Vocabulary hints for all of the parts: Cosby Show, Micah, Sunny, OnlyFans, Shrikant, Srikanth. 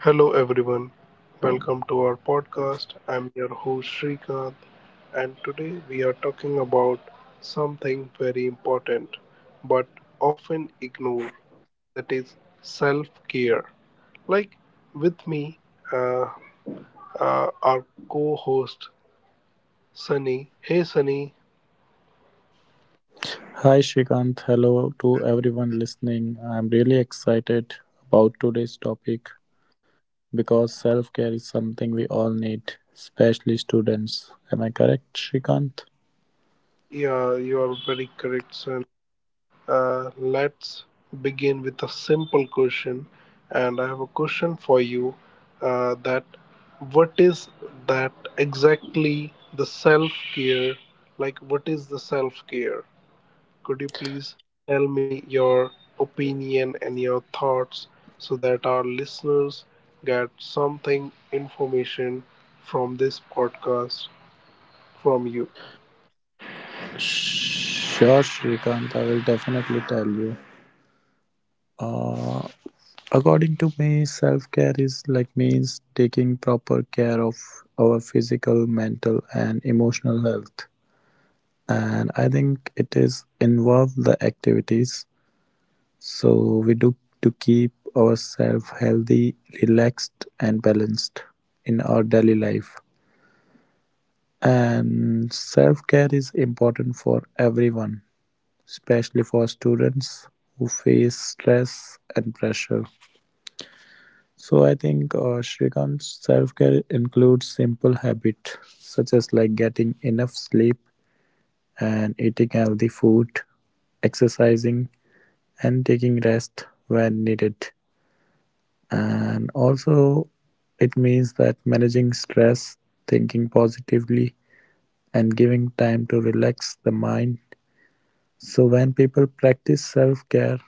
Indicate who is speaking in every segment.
Speaker 1: Hello, everyone. Welcome to our podcast. I'm your host, Srikanth, and today we are talking about something very important but often ignored, that is self care. Like with me, uh, our co host, Sunny. Hey, Sunny.
Speaker 2: Hi Shrikant, hello to everyone listening. I'm really excited about today's topic because self care is something we all need, especially students. Am I correct, Shrikant?
Speaker 1: Yeah, you are very correct, Sunny. Let's begin with a simple question. And I have a question for you, that what is that exactly the self care? Like, what is the self care? Could you please tell me your opinion and your thoughts so that our listeners get something information from this podcast from you?
Speaker 2: Sure, Shrikant, I will definitely tell you. Uh, According to me, self care is like means taking proper care of our physical, mental, and emotional health. And I think it is involve the activities so we do to keep ourselves healthy, relaxed, and balanced in our daily life. And self care is important for everyone, especially for students who face stress and pressure. So I think Shrikant's self care includes simple habits such as like getting enough sleep and eating healthy food, exercising, and taking rest when needed. And also it means that managing stress, thinking positively, and giving time to relax the mind. So when people practice self-care,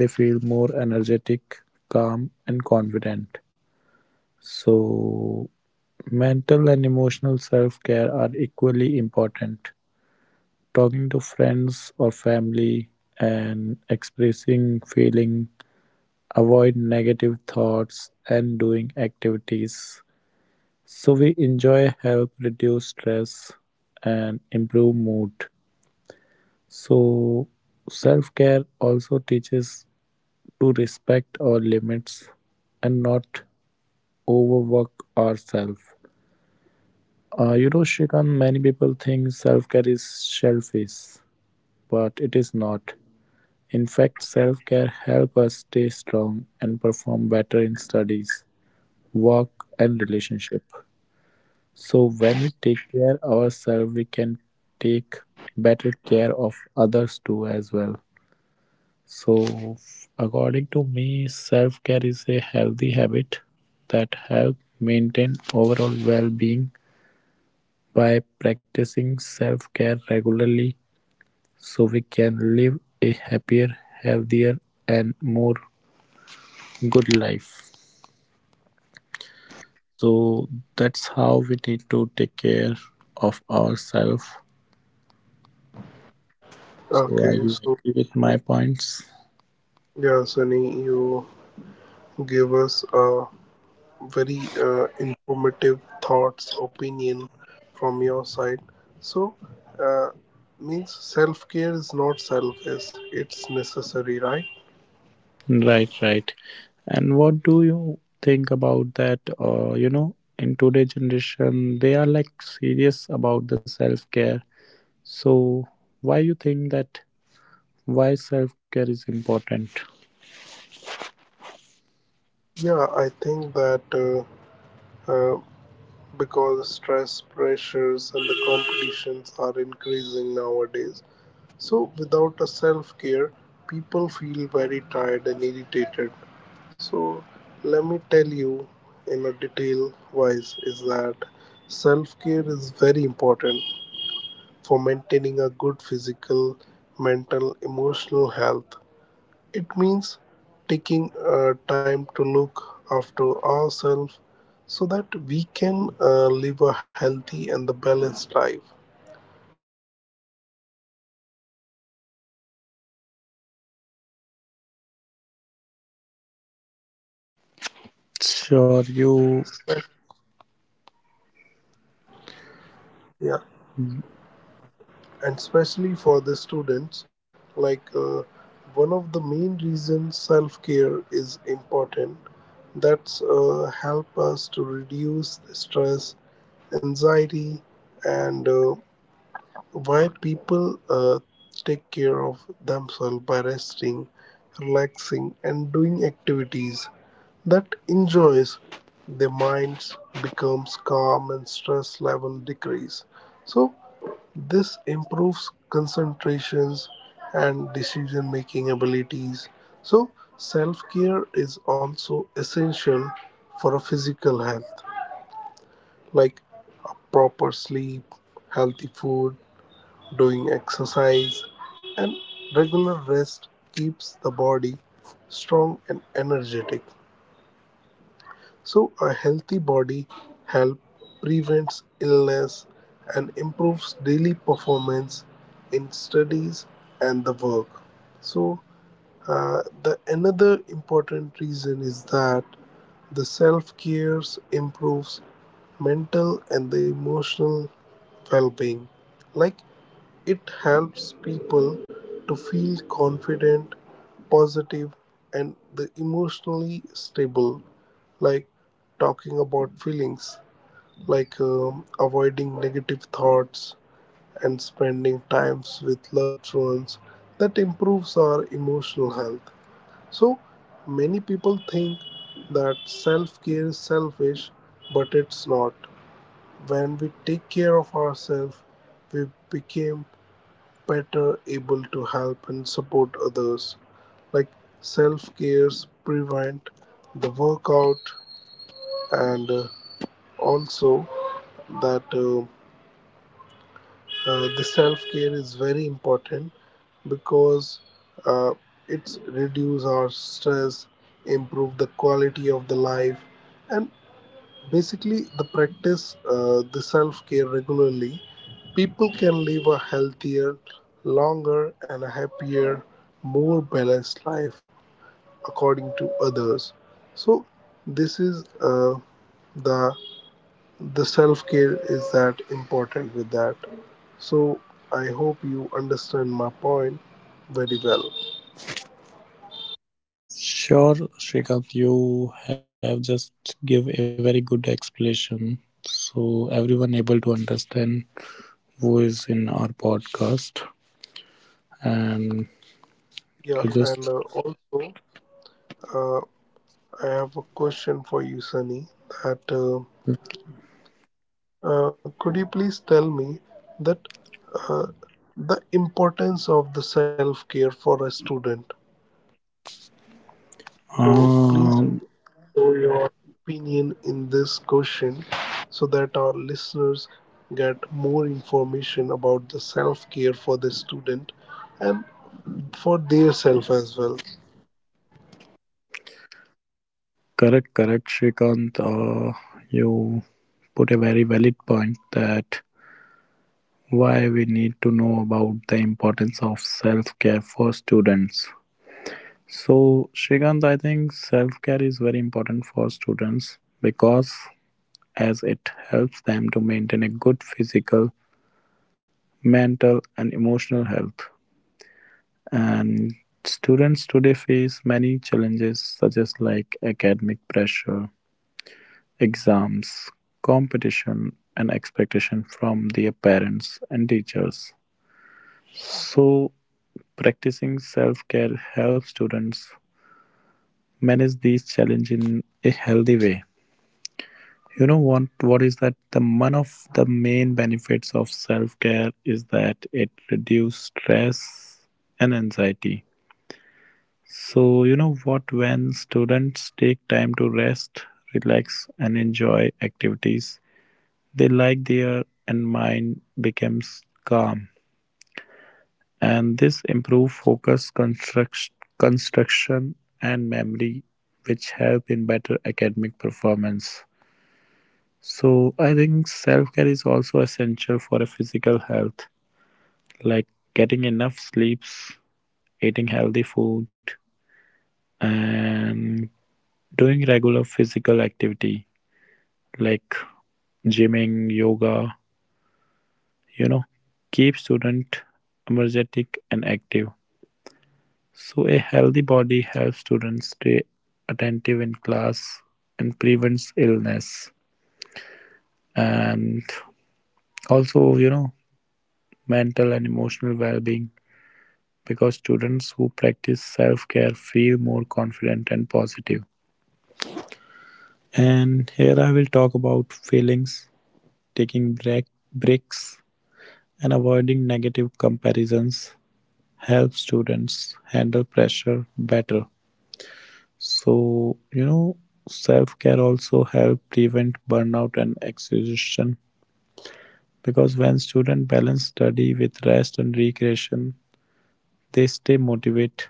Speaker 2: they feel more energetic, calm and confident. So mental and emotional self-care are equally important. Talking to friends or family and expressing feeling, avoid negative thoughts and doing activities so we enjoy help reduce stress and improve mood. So self-care also teaches to respect our limits and not overwork ourselves. Shrikant, many people think self-care is selfish, but it is not. In fact, self-care helps us stay strong and perform better in studies, work, and relationship. So when we take care ourselves, we can take better care of others too as well. So according to me, self-care is a healthy habit that help maintain overall well-being. By practicing self-care regularly, so we can live a happier, healthier and more good life. So that's how we need to take care of ourselves. So are
Speaker 1: Okay,
Speaker 2: you
Speaker 1: so
Speaker 2: agree with my points?
Speaker 1: yeah, Sunny, you give us a very informative thoughts, opinion from your side. So, uh, means self care is not selfish; it's necessary, right?
Speaker 2: Right, right. And what do you think about that? In today's generation, they are like serious about the self care. So why you think that? Why self care is important?
Speaker 1: Yeah, I think that uh, because stress, pressures, and the competitions are increasing nowadays. So, without a self care, people feel very tired and irritated. So let me tell you in a detail wise is that self care is very important for maintaining a good physical, mental, emotional health. It means taking time to look after ourselves so that we can live a healthy and the balanced life. Like today, the fast paced and a stressful world, self care has become more important than
Speaker 2: Sure,
Speaker 1: ever.
Speaker 2: you
Speaker 1: Spe- Yeah, and especially for the students, like one of the main reasons self care is important. That's help us to reduce the stress, anxiety, and why people take care of themselves by resting, relaxing, and doing activities that enjoys their minds becomes calm and stress level decrease. So this improves concentrations and decision making abilities. So self care is also essential for a physical health, like proper sleep, healthy food, doing exercise, and regular rest keeps the body strong and energetic. So a healthy body help prevents illness and improves daily performance in studies and the work. So the another important reason is that the self care improves mental and the emotional well-being. Like it helps people to feel confident, positive, and the emotionally stable. Like talking about feelings, like avoiding negative thoughts and spending times with loved ones that improves our emotional health. So many people think that self-care is selfish, but it's not. When we take care of ourselves, we became better able to help and support others. Like self-cares prevent the workout, and also that the self care is very important because uh, it's reduce our stress, improve the quality of the life, and basically the practice the self care regularly, people can live a healthier, longer and a happier, more balanced life according to others. So this is uh, the the self care is that important with that. So I hope you understand my point very well.
Speaker 2: sure, Shrikant, you have just give a very good explanation. So everyone able to understand who is in our podcast. And
Speaker 1: Yeah,
Speaker 2: You
Speaker 1: and
Speaker 2: just
Speaker 1: also uh, I have a question for you, Sunny. That could you please tell me that uh, the importance of the self care for a student? So please
Speaker 2: um
Speaker 1: opinion in this question so that our listeners get more information about the self care for the student and for their self as well.
Speaker 2: correct, correct, Shrikant. You put a very valid point that why we need to know about the importance of self-care for students. So, Shrikant, I think self-care is very important for students because as it helps them to maintain a good physical, mental, and emotional health. And students today face many challenges such as like academic pressure, exams, competition and expectation from their parents and teachers. So practicing self-care helps students manage these challenges in a healthy way. You know what is that the one of the main benefits of self-care is that it reduces stress and anxiety. So you know what, when students take time to rest, relax and enjoy activities they like, their and mind becomes calm, and this improve focus, construction, and memory which help in better academic performance. So I think self-care is also essential for a physical health, like getting enough sleeps, eating healthy food and doing regular physical activity like gymming, yoga, you know, keep student energetic and active. So a healthy body helps students stay attentive in class and prevents illness. And also you know, mental and emotional well-being, because students who practice self-care feel more confident and positive. And here I will talk about feelings, taking break, breaks and avoiding negative comparisons help students handle pressure better. So, you know, self care also help prevent burnout and exhaustion, because when students balance study with rest and recreation, they stay motivated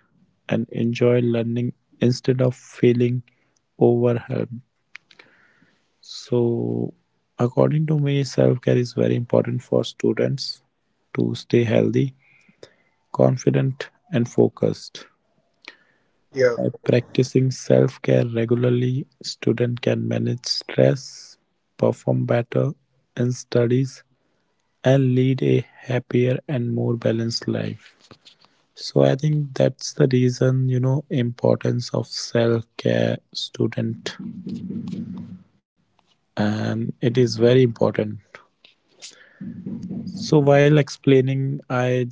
Speaker 2: and enjoy learning instead of feeling overwhelmed. So, according to me, self care is very important for students to stay healthy, confident, and focused.
Speaker 1: Yeah,
Speaker 2: By practicing self-care regularly, students can manage stress, perform better in studies, and lead a happier and more balanced life. So I think that's the reason, you know, importance of self-care student, and it is very important. So while explaining, I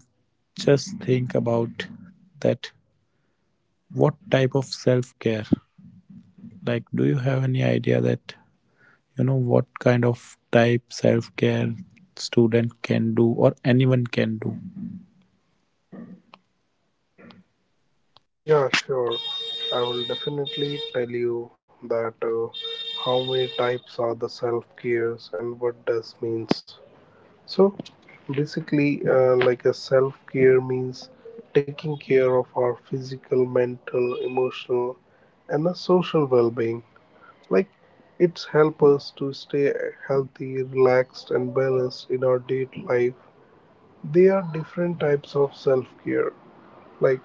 Speaker 2: just think about that, what type of self-care? Like, do you have any idea that, you know, what kind of type self-care student can do or anyone can do?
Speaker 1: yeah, sure. I will definitely tell you that how many types are the self cares and what does means. So basically, like a self care means taking care of our physical, mental, emotional, and a social well being. Like it's help us to stay healthy, relaxed and balanced in our daily life. There are different types of self-care. Like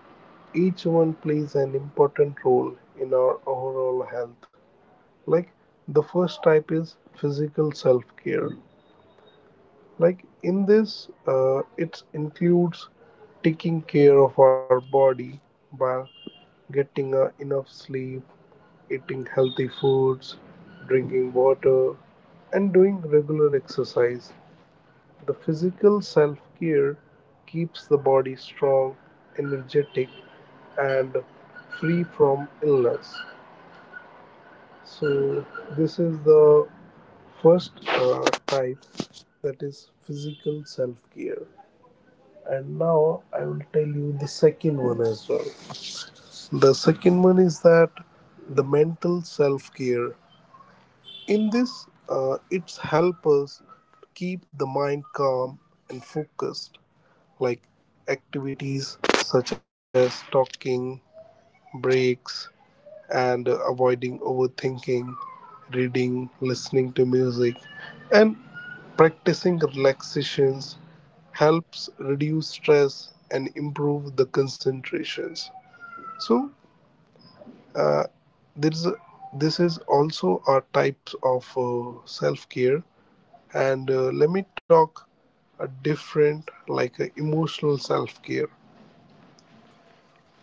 Speaker 1: each one plays an important role in our overall health. Like the first type is physical self-care. Like in this, it includes taking care of our body by getting enough sleep, eating healthy foods, drinking water, and doing regular exercise. The physical self care keeps the body strong, energetic, and free from illness. So, this is the first type, that is physical self care. And now I will tell you the second one as well. The second one is that the mental self care. In this, it's help us keep the mind calm and focused, like activities such as talking, breaks, and avoiding overthinking, reading, listening to music, and practicing relaxations helps reduce stress and improve the concentrations. So uh, there is a, this is also our types of self care, and let me talk a different, like a emotional self care.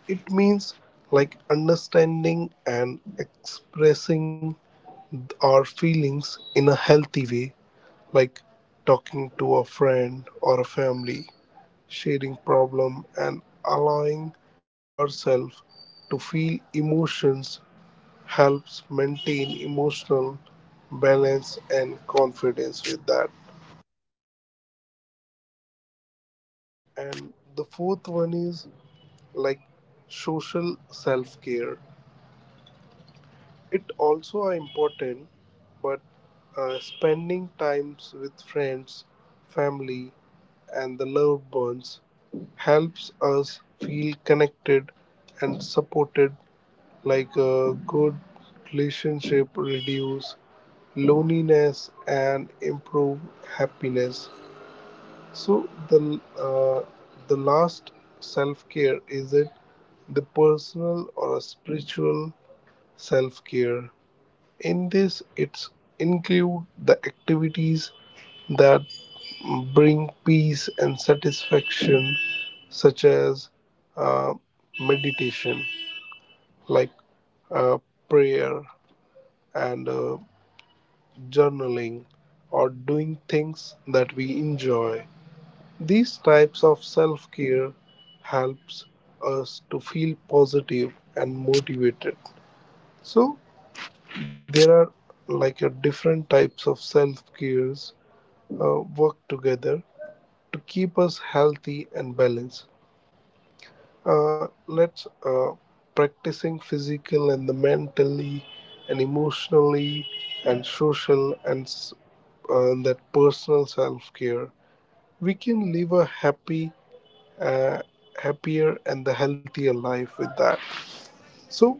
Speaker 1: It means like understanding and expressing our feelings in a healthy way, like talking to a friend or a family, sharing problem and allowing ourselves to feel emotions helps maintain emotional balance and confidence with that. And the fourth one is like social self care. It also are important, but spending times with friends, family, and the loved ones helps us feel connected and supported, like a good relationship reduce loneliness and improve happiness. So the uh, the last self care is it the personal or a spiritual self care. In this, it's include the activities that bring peace and satisfaction, such as uh, meditation, like uh, prayer and journaling, or doing things that we enjoy. These types of self-care helps us to feel positive and motivated. So there are like a different types of self cares work together to keep us healthy and balanced. Let's practicing physical and the mentally and emotionally and social and that personal self care. We can live a happy, uh, happier and the healthier life with that. So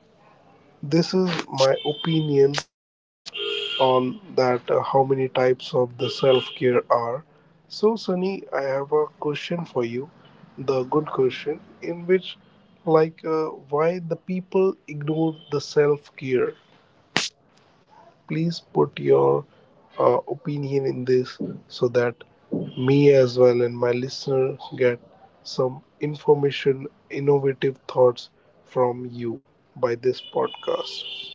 Speaker 1: this is my opinion on that how many types of the self care are. So Sunny, I have a question for you, the good question in which, like why the people ignore the self care. Please put your opinion in this so that me as well and my listener get some information innovative thoughts from you by this podcast.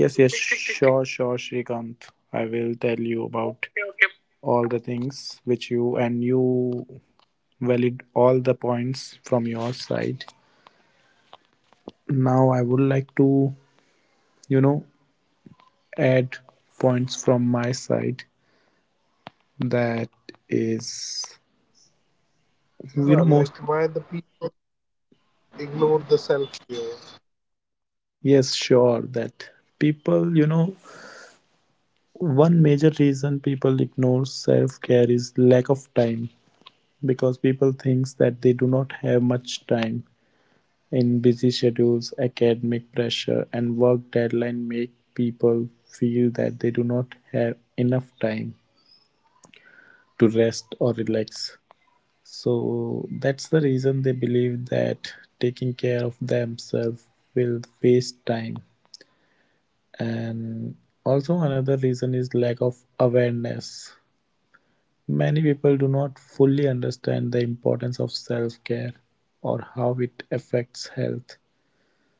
Speaker 2: Yes, sure, Shrikant, I will tell you about all the things which you valid all the points from your side. Now I would like to, you know, add points from my side. That is you know
Speaker 1: Yeah,
Speaker 2: most
Speaker 1: like why the people ignore the self here.
Speaker 2: yes, sure that people, you know, one major reason people ignore self care is lack of time, because people think that they do not have much time. In busy schedules, academic pressure and work deadline make people feel that they do not have enough time to rest or relax. So that's the reason they believe that taking care of themselves will waste time. And also, another reason is lack of awareness. Many people do not fully understand the importance of self-care or how it affects health.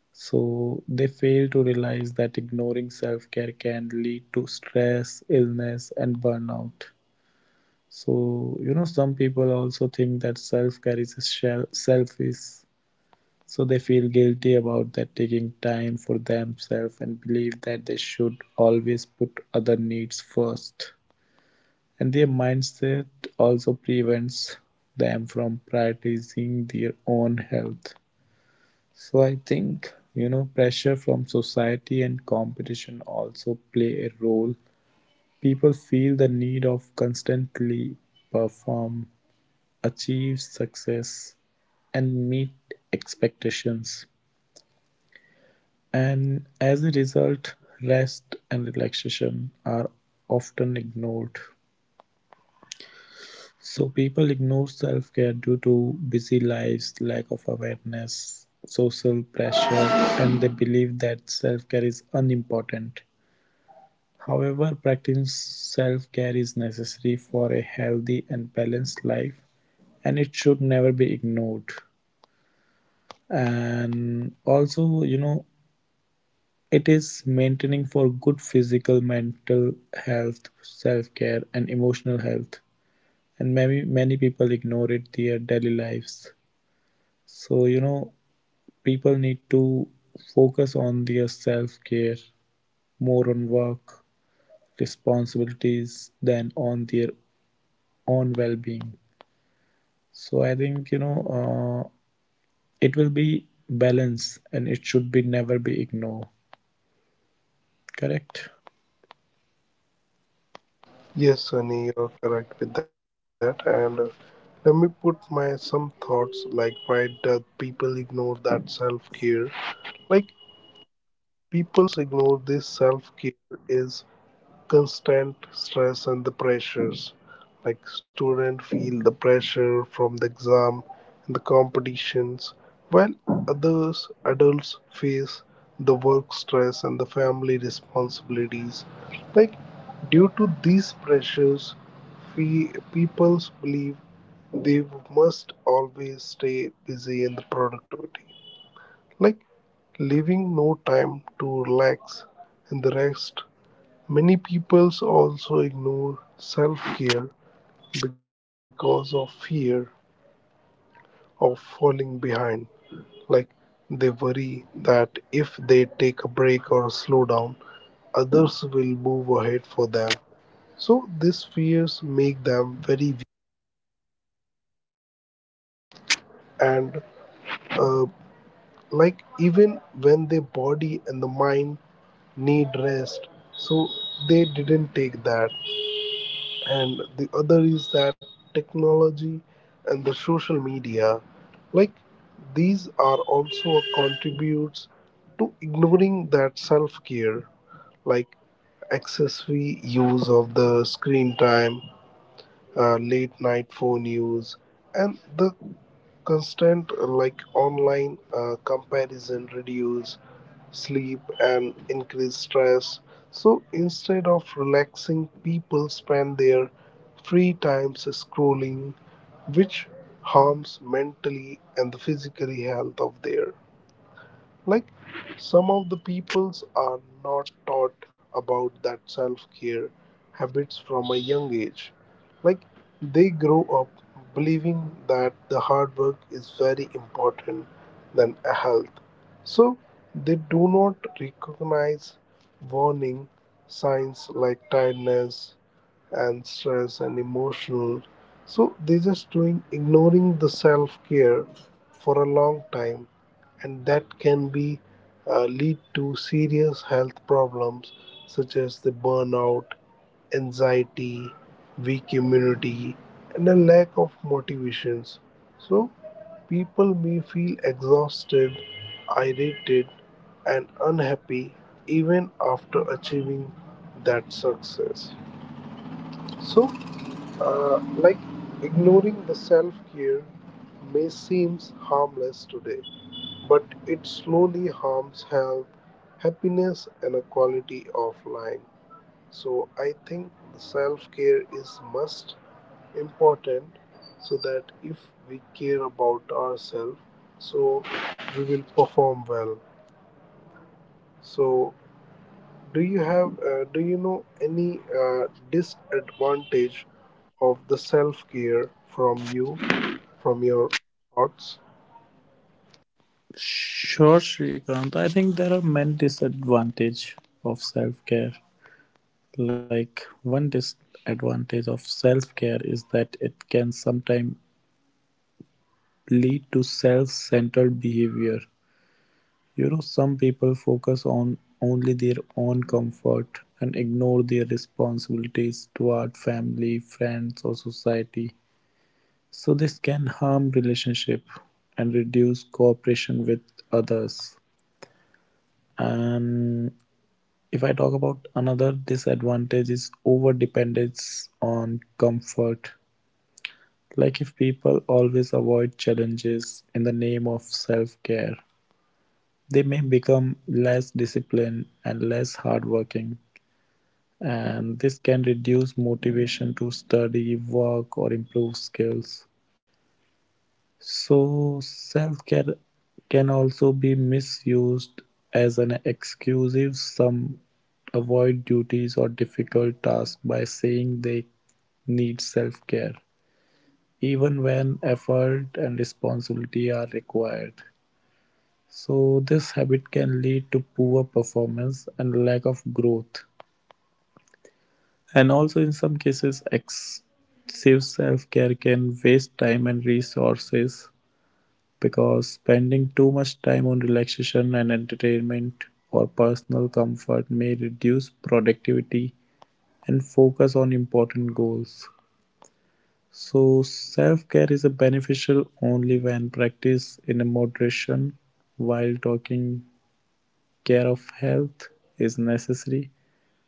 Speaker 2: So they fail to realize that ignoring self-care can lead to stress, illness and burnout. So, you know, some people also think that self-care is a selfish. So they feel guilty about that taking time for themselves and believe that they should always put other needs first, and their mindset also prevents them from prioritizing their own health. So I think, you know, pressure from society and competition also play a role. People feel the need of constantly perform, achieve success, and meet expectations. And as a result, rest and relaxation are often ignored. So people ignore self-care due to busy lives, lack of awareness, social pressure, and they believe that self-care is unimportant. However, practicing self-care is necessary for a healthy and balanced life and it should never be ignored. And also, you know, it is maintaining for good physical, mental health, self-care and emotional health. And many people ignore it their daily lives. So, you know, people need to focus on their self care more on work responsibilities than on their own well being. So, I think, you know, uh, it will be balance and it should be never be ignored. Correct?
Speaker 1: Yes, Sunny, you're correct with that. And let me put my some thoughts, like why do people ignore that self care? Like people's ignore this self care is constant stress and the pressures. Like students feel the pressure from the exam and the competitions, while others, adults, face the work stress and the family responsibilities. Like due to these pressures, we people's believe they must always stay busy in the productivity, like leaving no time to relax and the rest. Many people also ignore self-care because of fear of falling behind. Like they worry that if they take a break or slow down, others will move ahead for them. So these fears make them very weak and uh, like even when their body and the mind need rest, so they didn't take that. And the other is that technology and the social media, like these are also contributes to ignoring that self-care, like excessive use of the screen time, late night phone use, and the constant like online comparison reduce sleep, and increased stress. So instead of relaxing, people spend their free times scrolling, which harms mentally and the physically health of their. Like some of the peoples are not taught about that self-care habits from a young age, like they grow up believing that the hard work is very important than a health, so they do not recognize warning signs like tiredness and stress and emotional. So they just doing ignoring the self-care for a long time, and that can be lead to serious health problems such as the burnout, anxiety, weak immunity, and a lack of motivations. So people may feel exhausted, irritated, and unhappy even after achieving that success. So, like ignoring the self care may seem harmless today, but it slowly harms health, happiness, and a quality of life. So I think self care is most important so that if we care about ourselves, so we will perform well. So do you have do you know any disadvantage of the self care from you, from your thoughts?
Speaker 2: Sure, Srikanth. I think there are many disadvantages of self-care. Like one disadvantage of self-care is that it can sometimes lead to self-centered behavior. You know, some people focus on only their own comfort and ignore their responsibilities toward family, friends, or society. So this can harm relationship and reduce cooperation with others. And if I talk about another disadvantage is overdependence on comfort. Like if people always avoid challenges in the name of self care, they may become less disciplined and less hardworking, and this can reduce motivation to study, work, or improve skills. So, self care can also be misused as an excuse. Some avoid duties or difficult tasks by saying they need self care, even when effort and responsibility are required. So this habit can lead to poor performance and lack of growth. And also in some cases excessive self-care can waste time and resources, because spending too much time on relaxation and entertainment or personal comfort may reduce productivity and focus on important goals. So self-care is a beneficial only when practiced in a moderation. While talking care of health is necessary,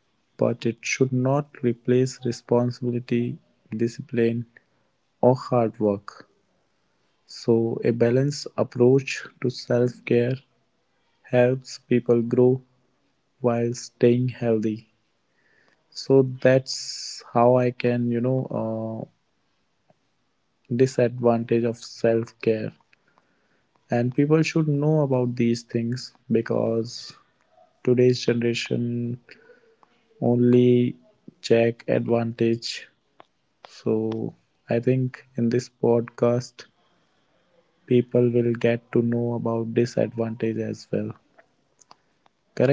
Speaker 2: but it should not replace responsibility, discipline, or hard work. So, a balanced approach to self care helps people grow while staying healthy. So, that's how I can, you know, disadvantage of self care. And people should know about these things because today's generation only check advantage. So I think in this podcast, people will get to know about disadvantage as well. Correct?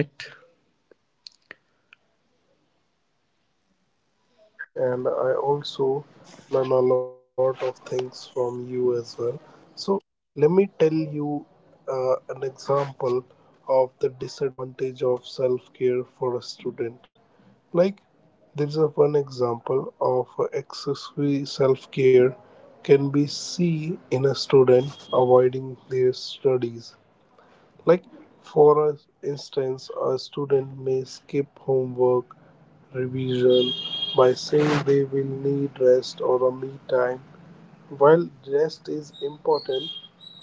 Speaker 1: Yes, Sunny, and I also learn a lot of things from you as well. So, let me tell you an example of the disadvantage of self care for a student. Like, there's a one example of excessive self care can be seen in a student avoiding their studies. Like, for a- instance, a student may skip homework revision by saying they will need rest or a me time. While rest is important,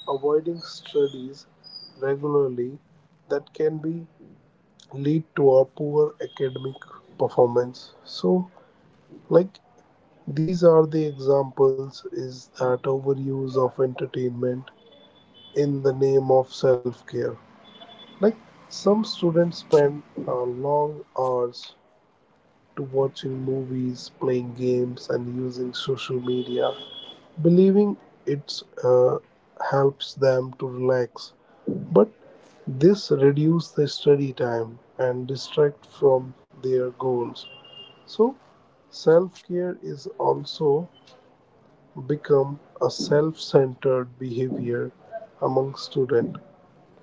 Speaker 1: avoiding studies regularly, that can be lead to a poor academic performance. So like these are the examples is that overuse of entertainment in the name of self-care. Like some students spend uh, long hours to watching movies, playing games, and using social media, believing it helps them to relax. But this reduces their study time and distract from their goals. So self care is also become a self centered behavior among student.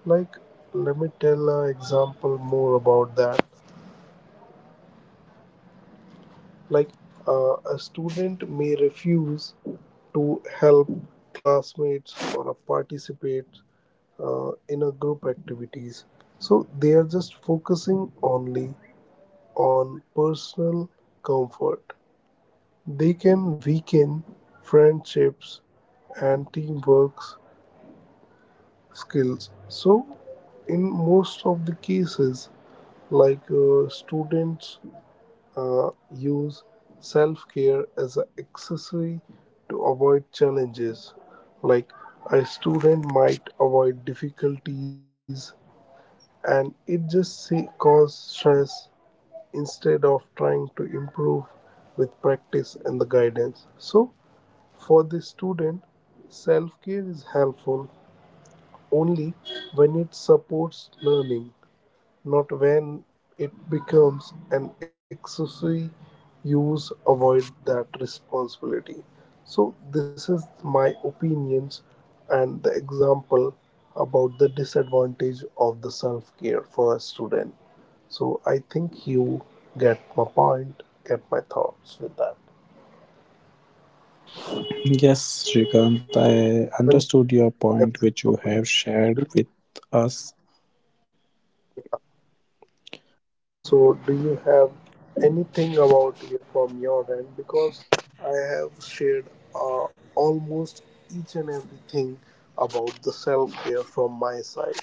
Speaker 1: Like, let me tell an example more about that. Like, a student may refuse to help classmates or participate in a group activities, so they are just focusing only on personal comfort. They can weaken friendships and teamwork skills. So in most of the cases, like students use self care as an accessory to avoid challenges. Like a student might avoid difficulties and it just say, cause stress instead of trying to improve with practice and the guidance. So, for the student, self care is helpful only when it supports learning, not when it becomes an excessive use avoid that responsibility. So this is my opinions and the example about the disadvantage of the self care for a student. So I think you get my point, get my thoughts with that.
Speaker 2: Yes, Srikant, I
Speaker 1: And,
Speaker 2: understood your
Speaker 1: yeah.
Speaker 2: point, which you
Speaker 1: So,
Speaker 2: have shared with us.
Speaker 1: so, do you have anything about you from your end? Because I have shared almost each and everything about the self care from my side.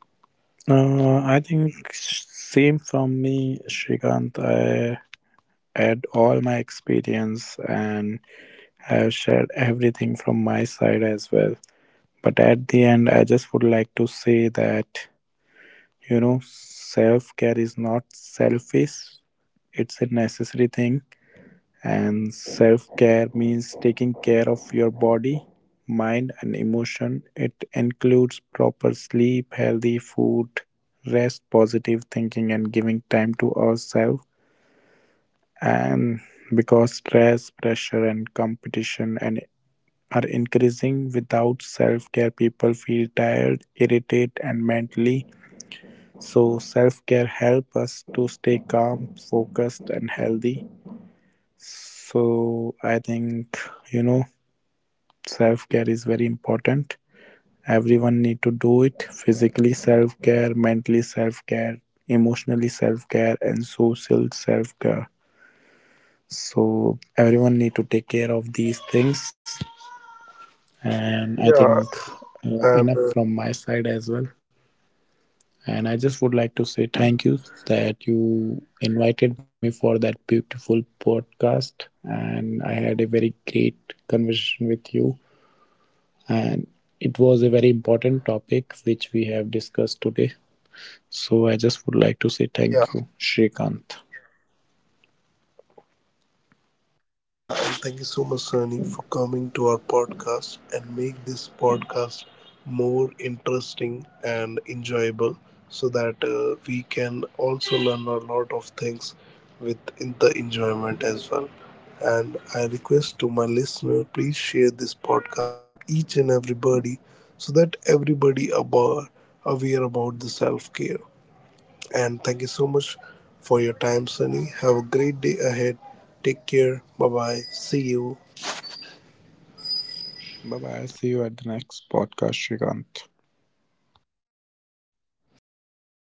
Speaker 2: I think same from me, Srikant. I had all my experience and I have shared everything from my side as well. But at the end, I just would like to say that, you know, self care is not selfish, it's a necessary thing. And self care means taking care of your body, mind, and emotion. It includes proper sleep, healthy food, rest, positive thinking, and giving time to ourselves. And because stress, pressure, and competition and are increasing without self care, people feel tired, irritated, and mentally, so self-care help us to stay calm, focused and healthy. So I think, you know, self-care is very important. Everyone need to do it physically self-care, mentally self-care, emotionally self-care and social self-care. So everyone need to take care of these things and I think
Speaker 1: Yeah,
Speaker 2: enough from my
Speaker 1: and
Speaker 2: side as well. And I just would like to say thank you that you invited me for that beautiful podcast. And I had a very great conversation with you. And it was a very important topic which we have discussed today. So I just would like to say thank you,
Speaker 1: yeah.
Speaker 2: Shrikant.
Speaker 1: Yeah, and thank you so much, Sunny, for coming to our podcast and make this podcast more interesting and enjoyable so that we can also learn a lot of things with in the enjoyment as well. And I request to my listener, please share this podcast to each and everybody so that everybody about aware about the self care. And thank you so much for your time, Sunny. Have a great day ahead. Take care. Bye bye. See you.
Speaker 2: Bye bye. See you at the next podcast, Shrikant.
Speaker 1: Sure, Sunny.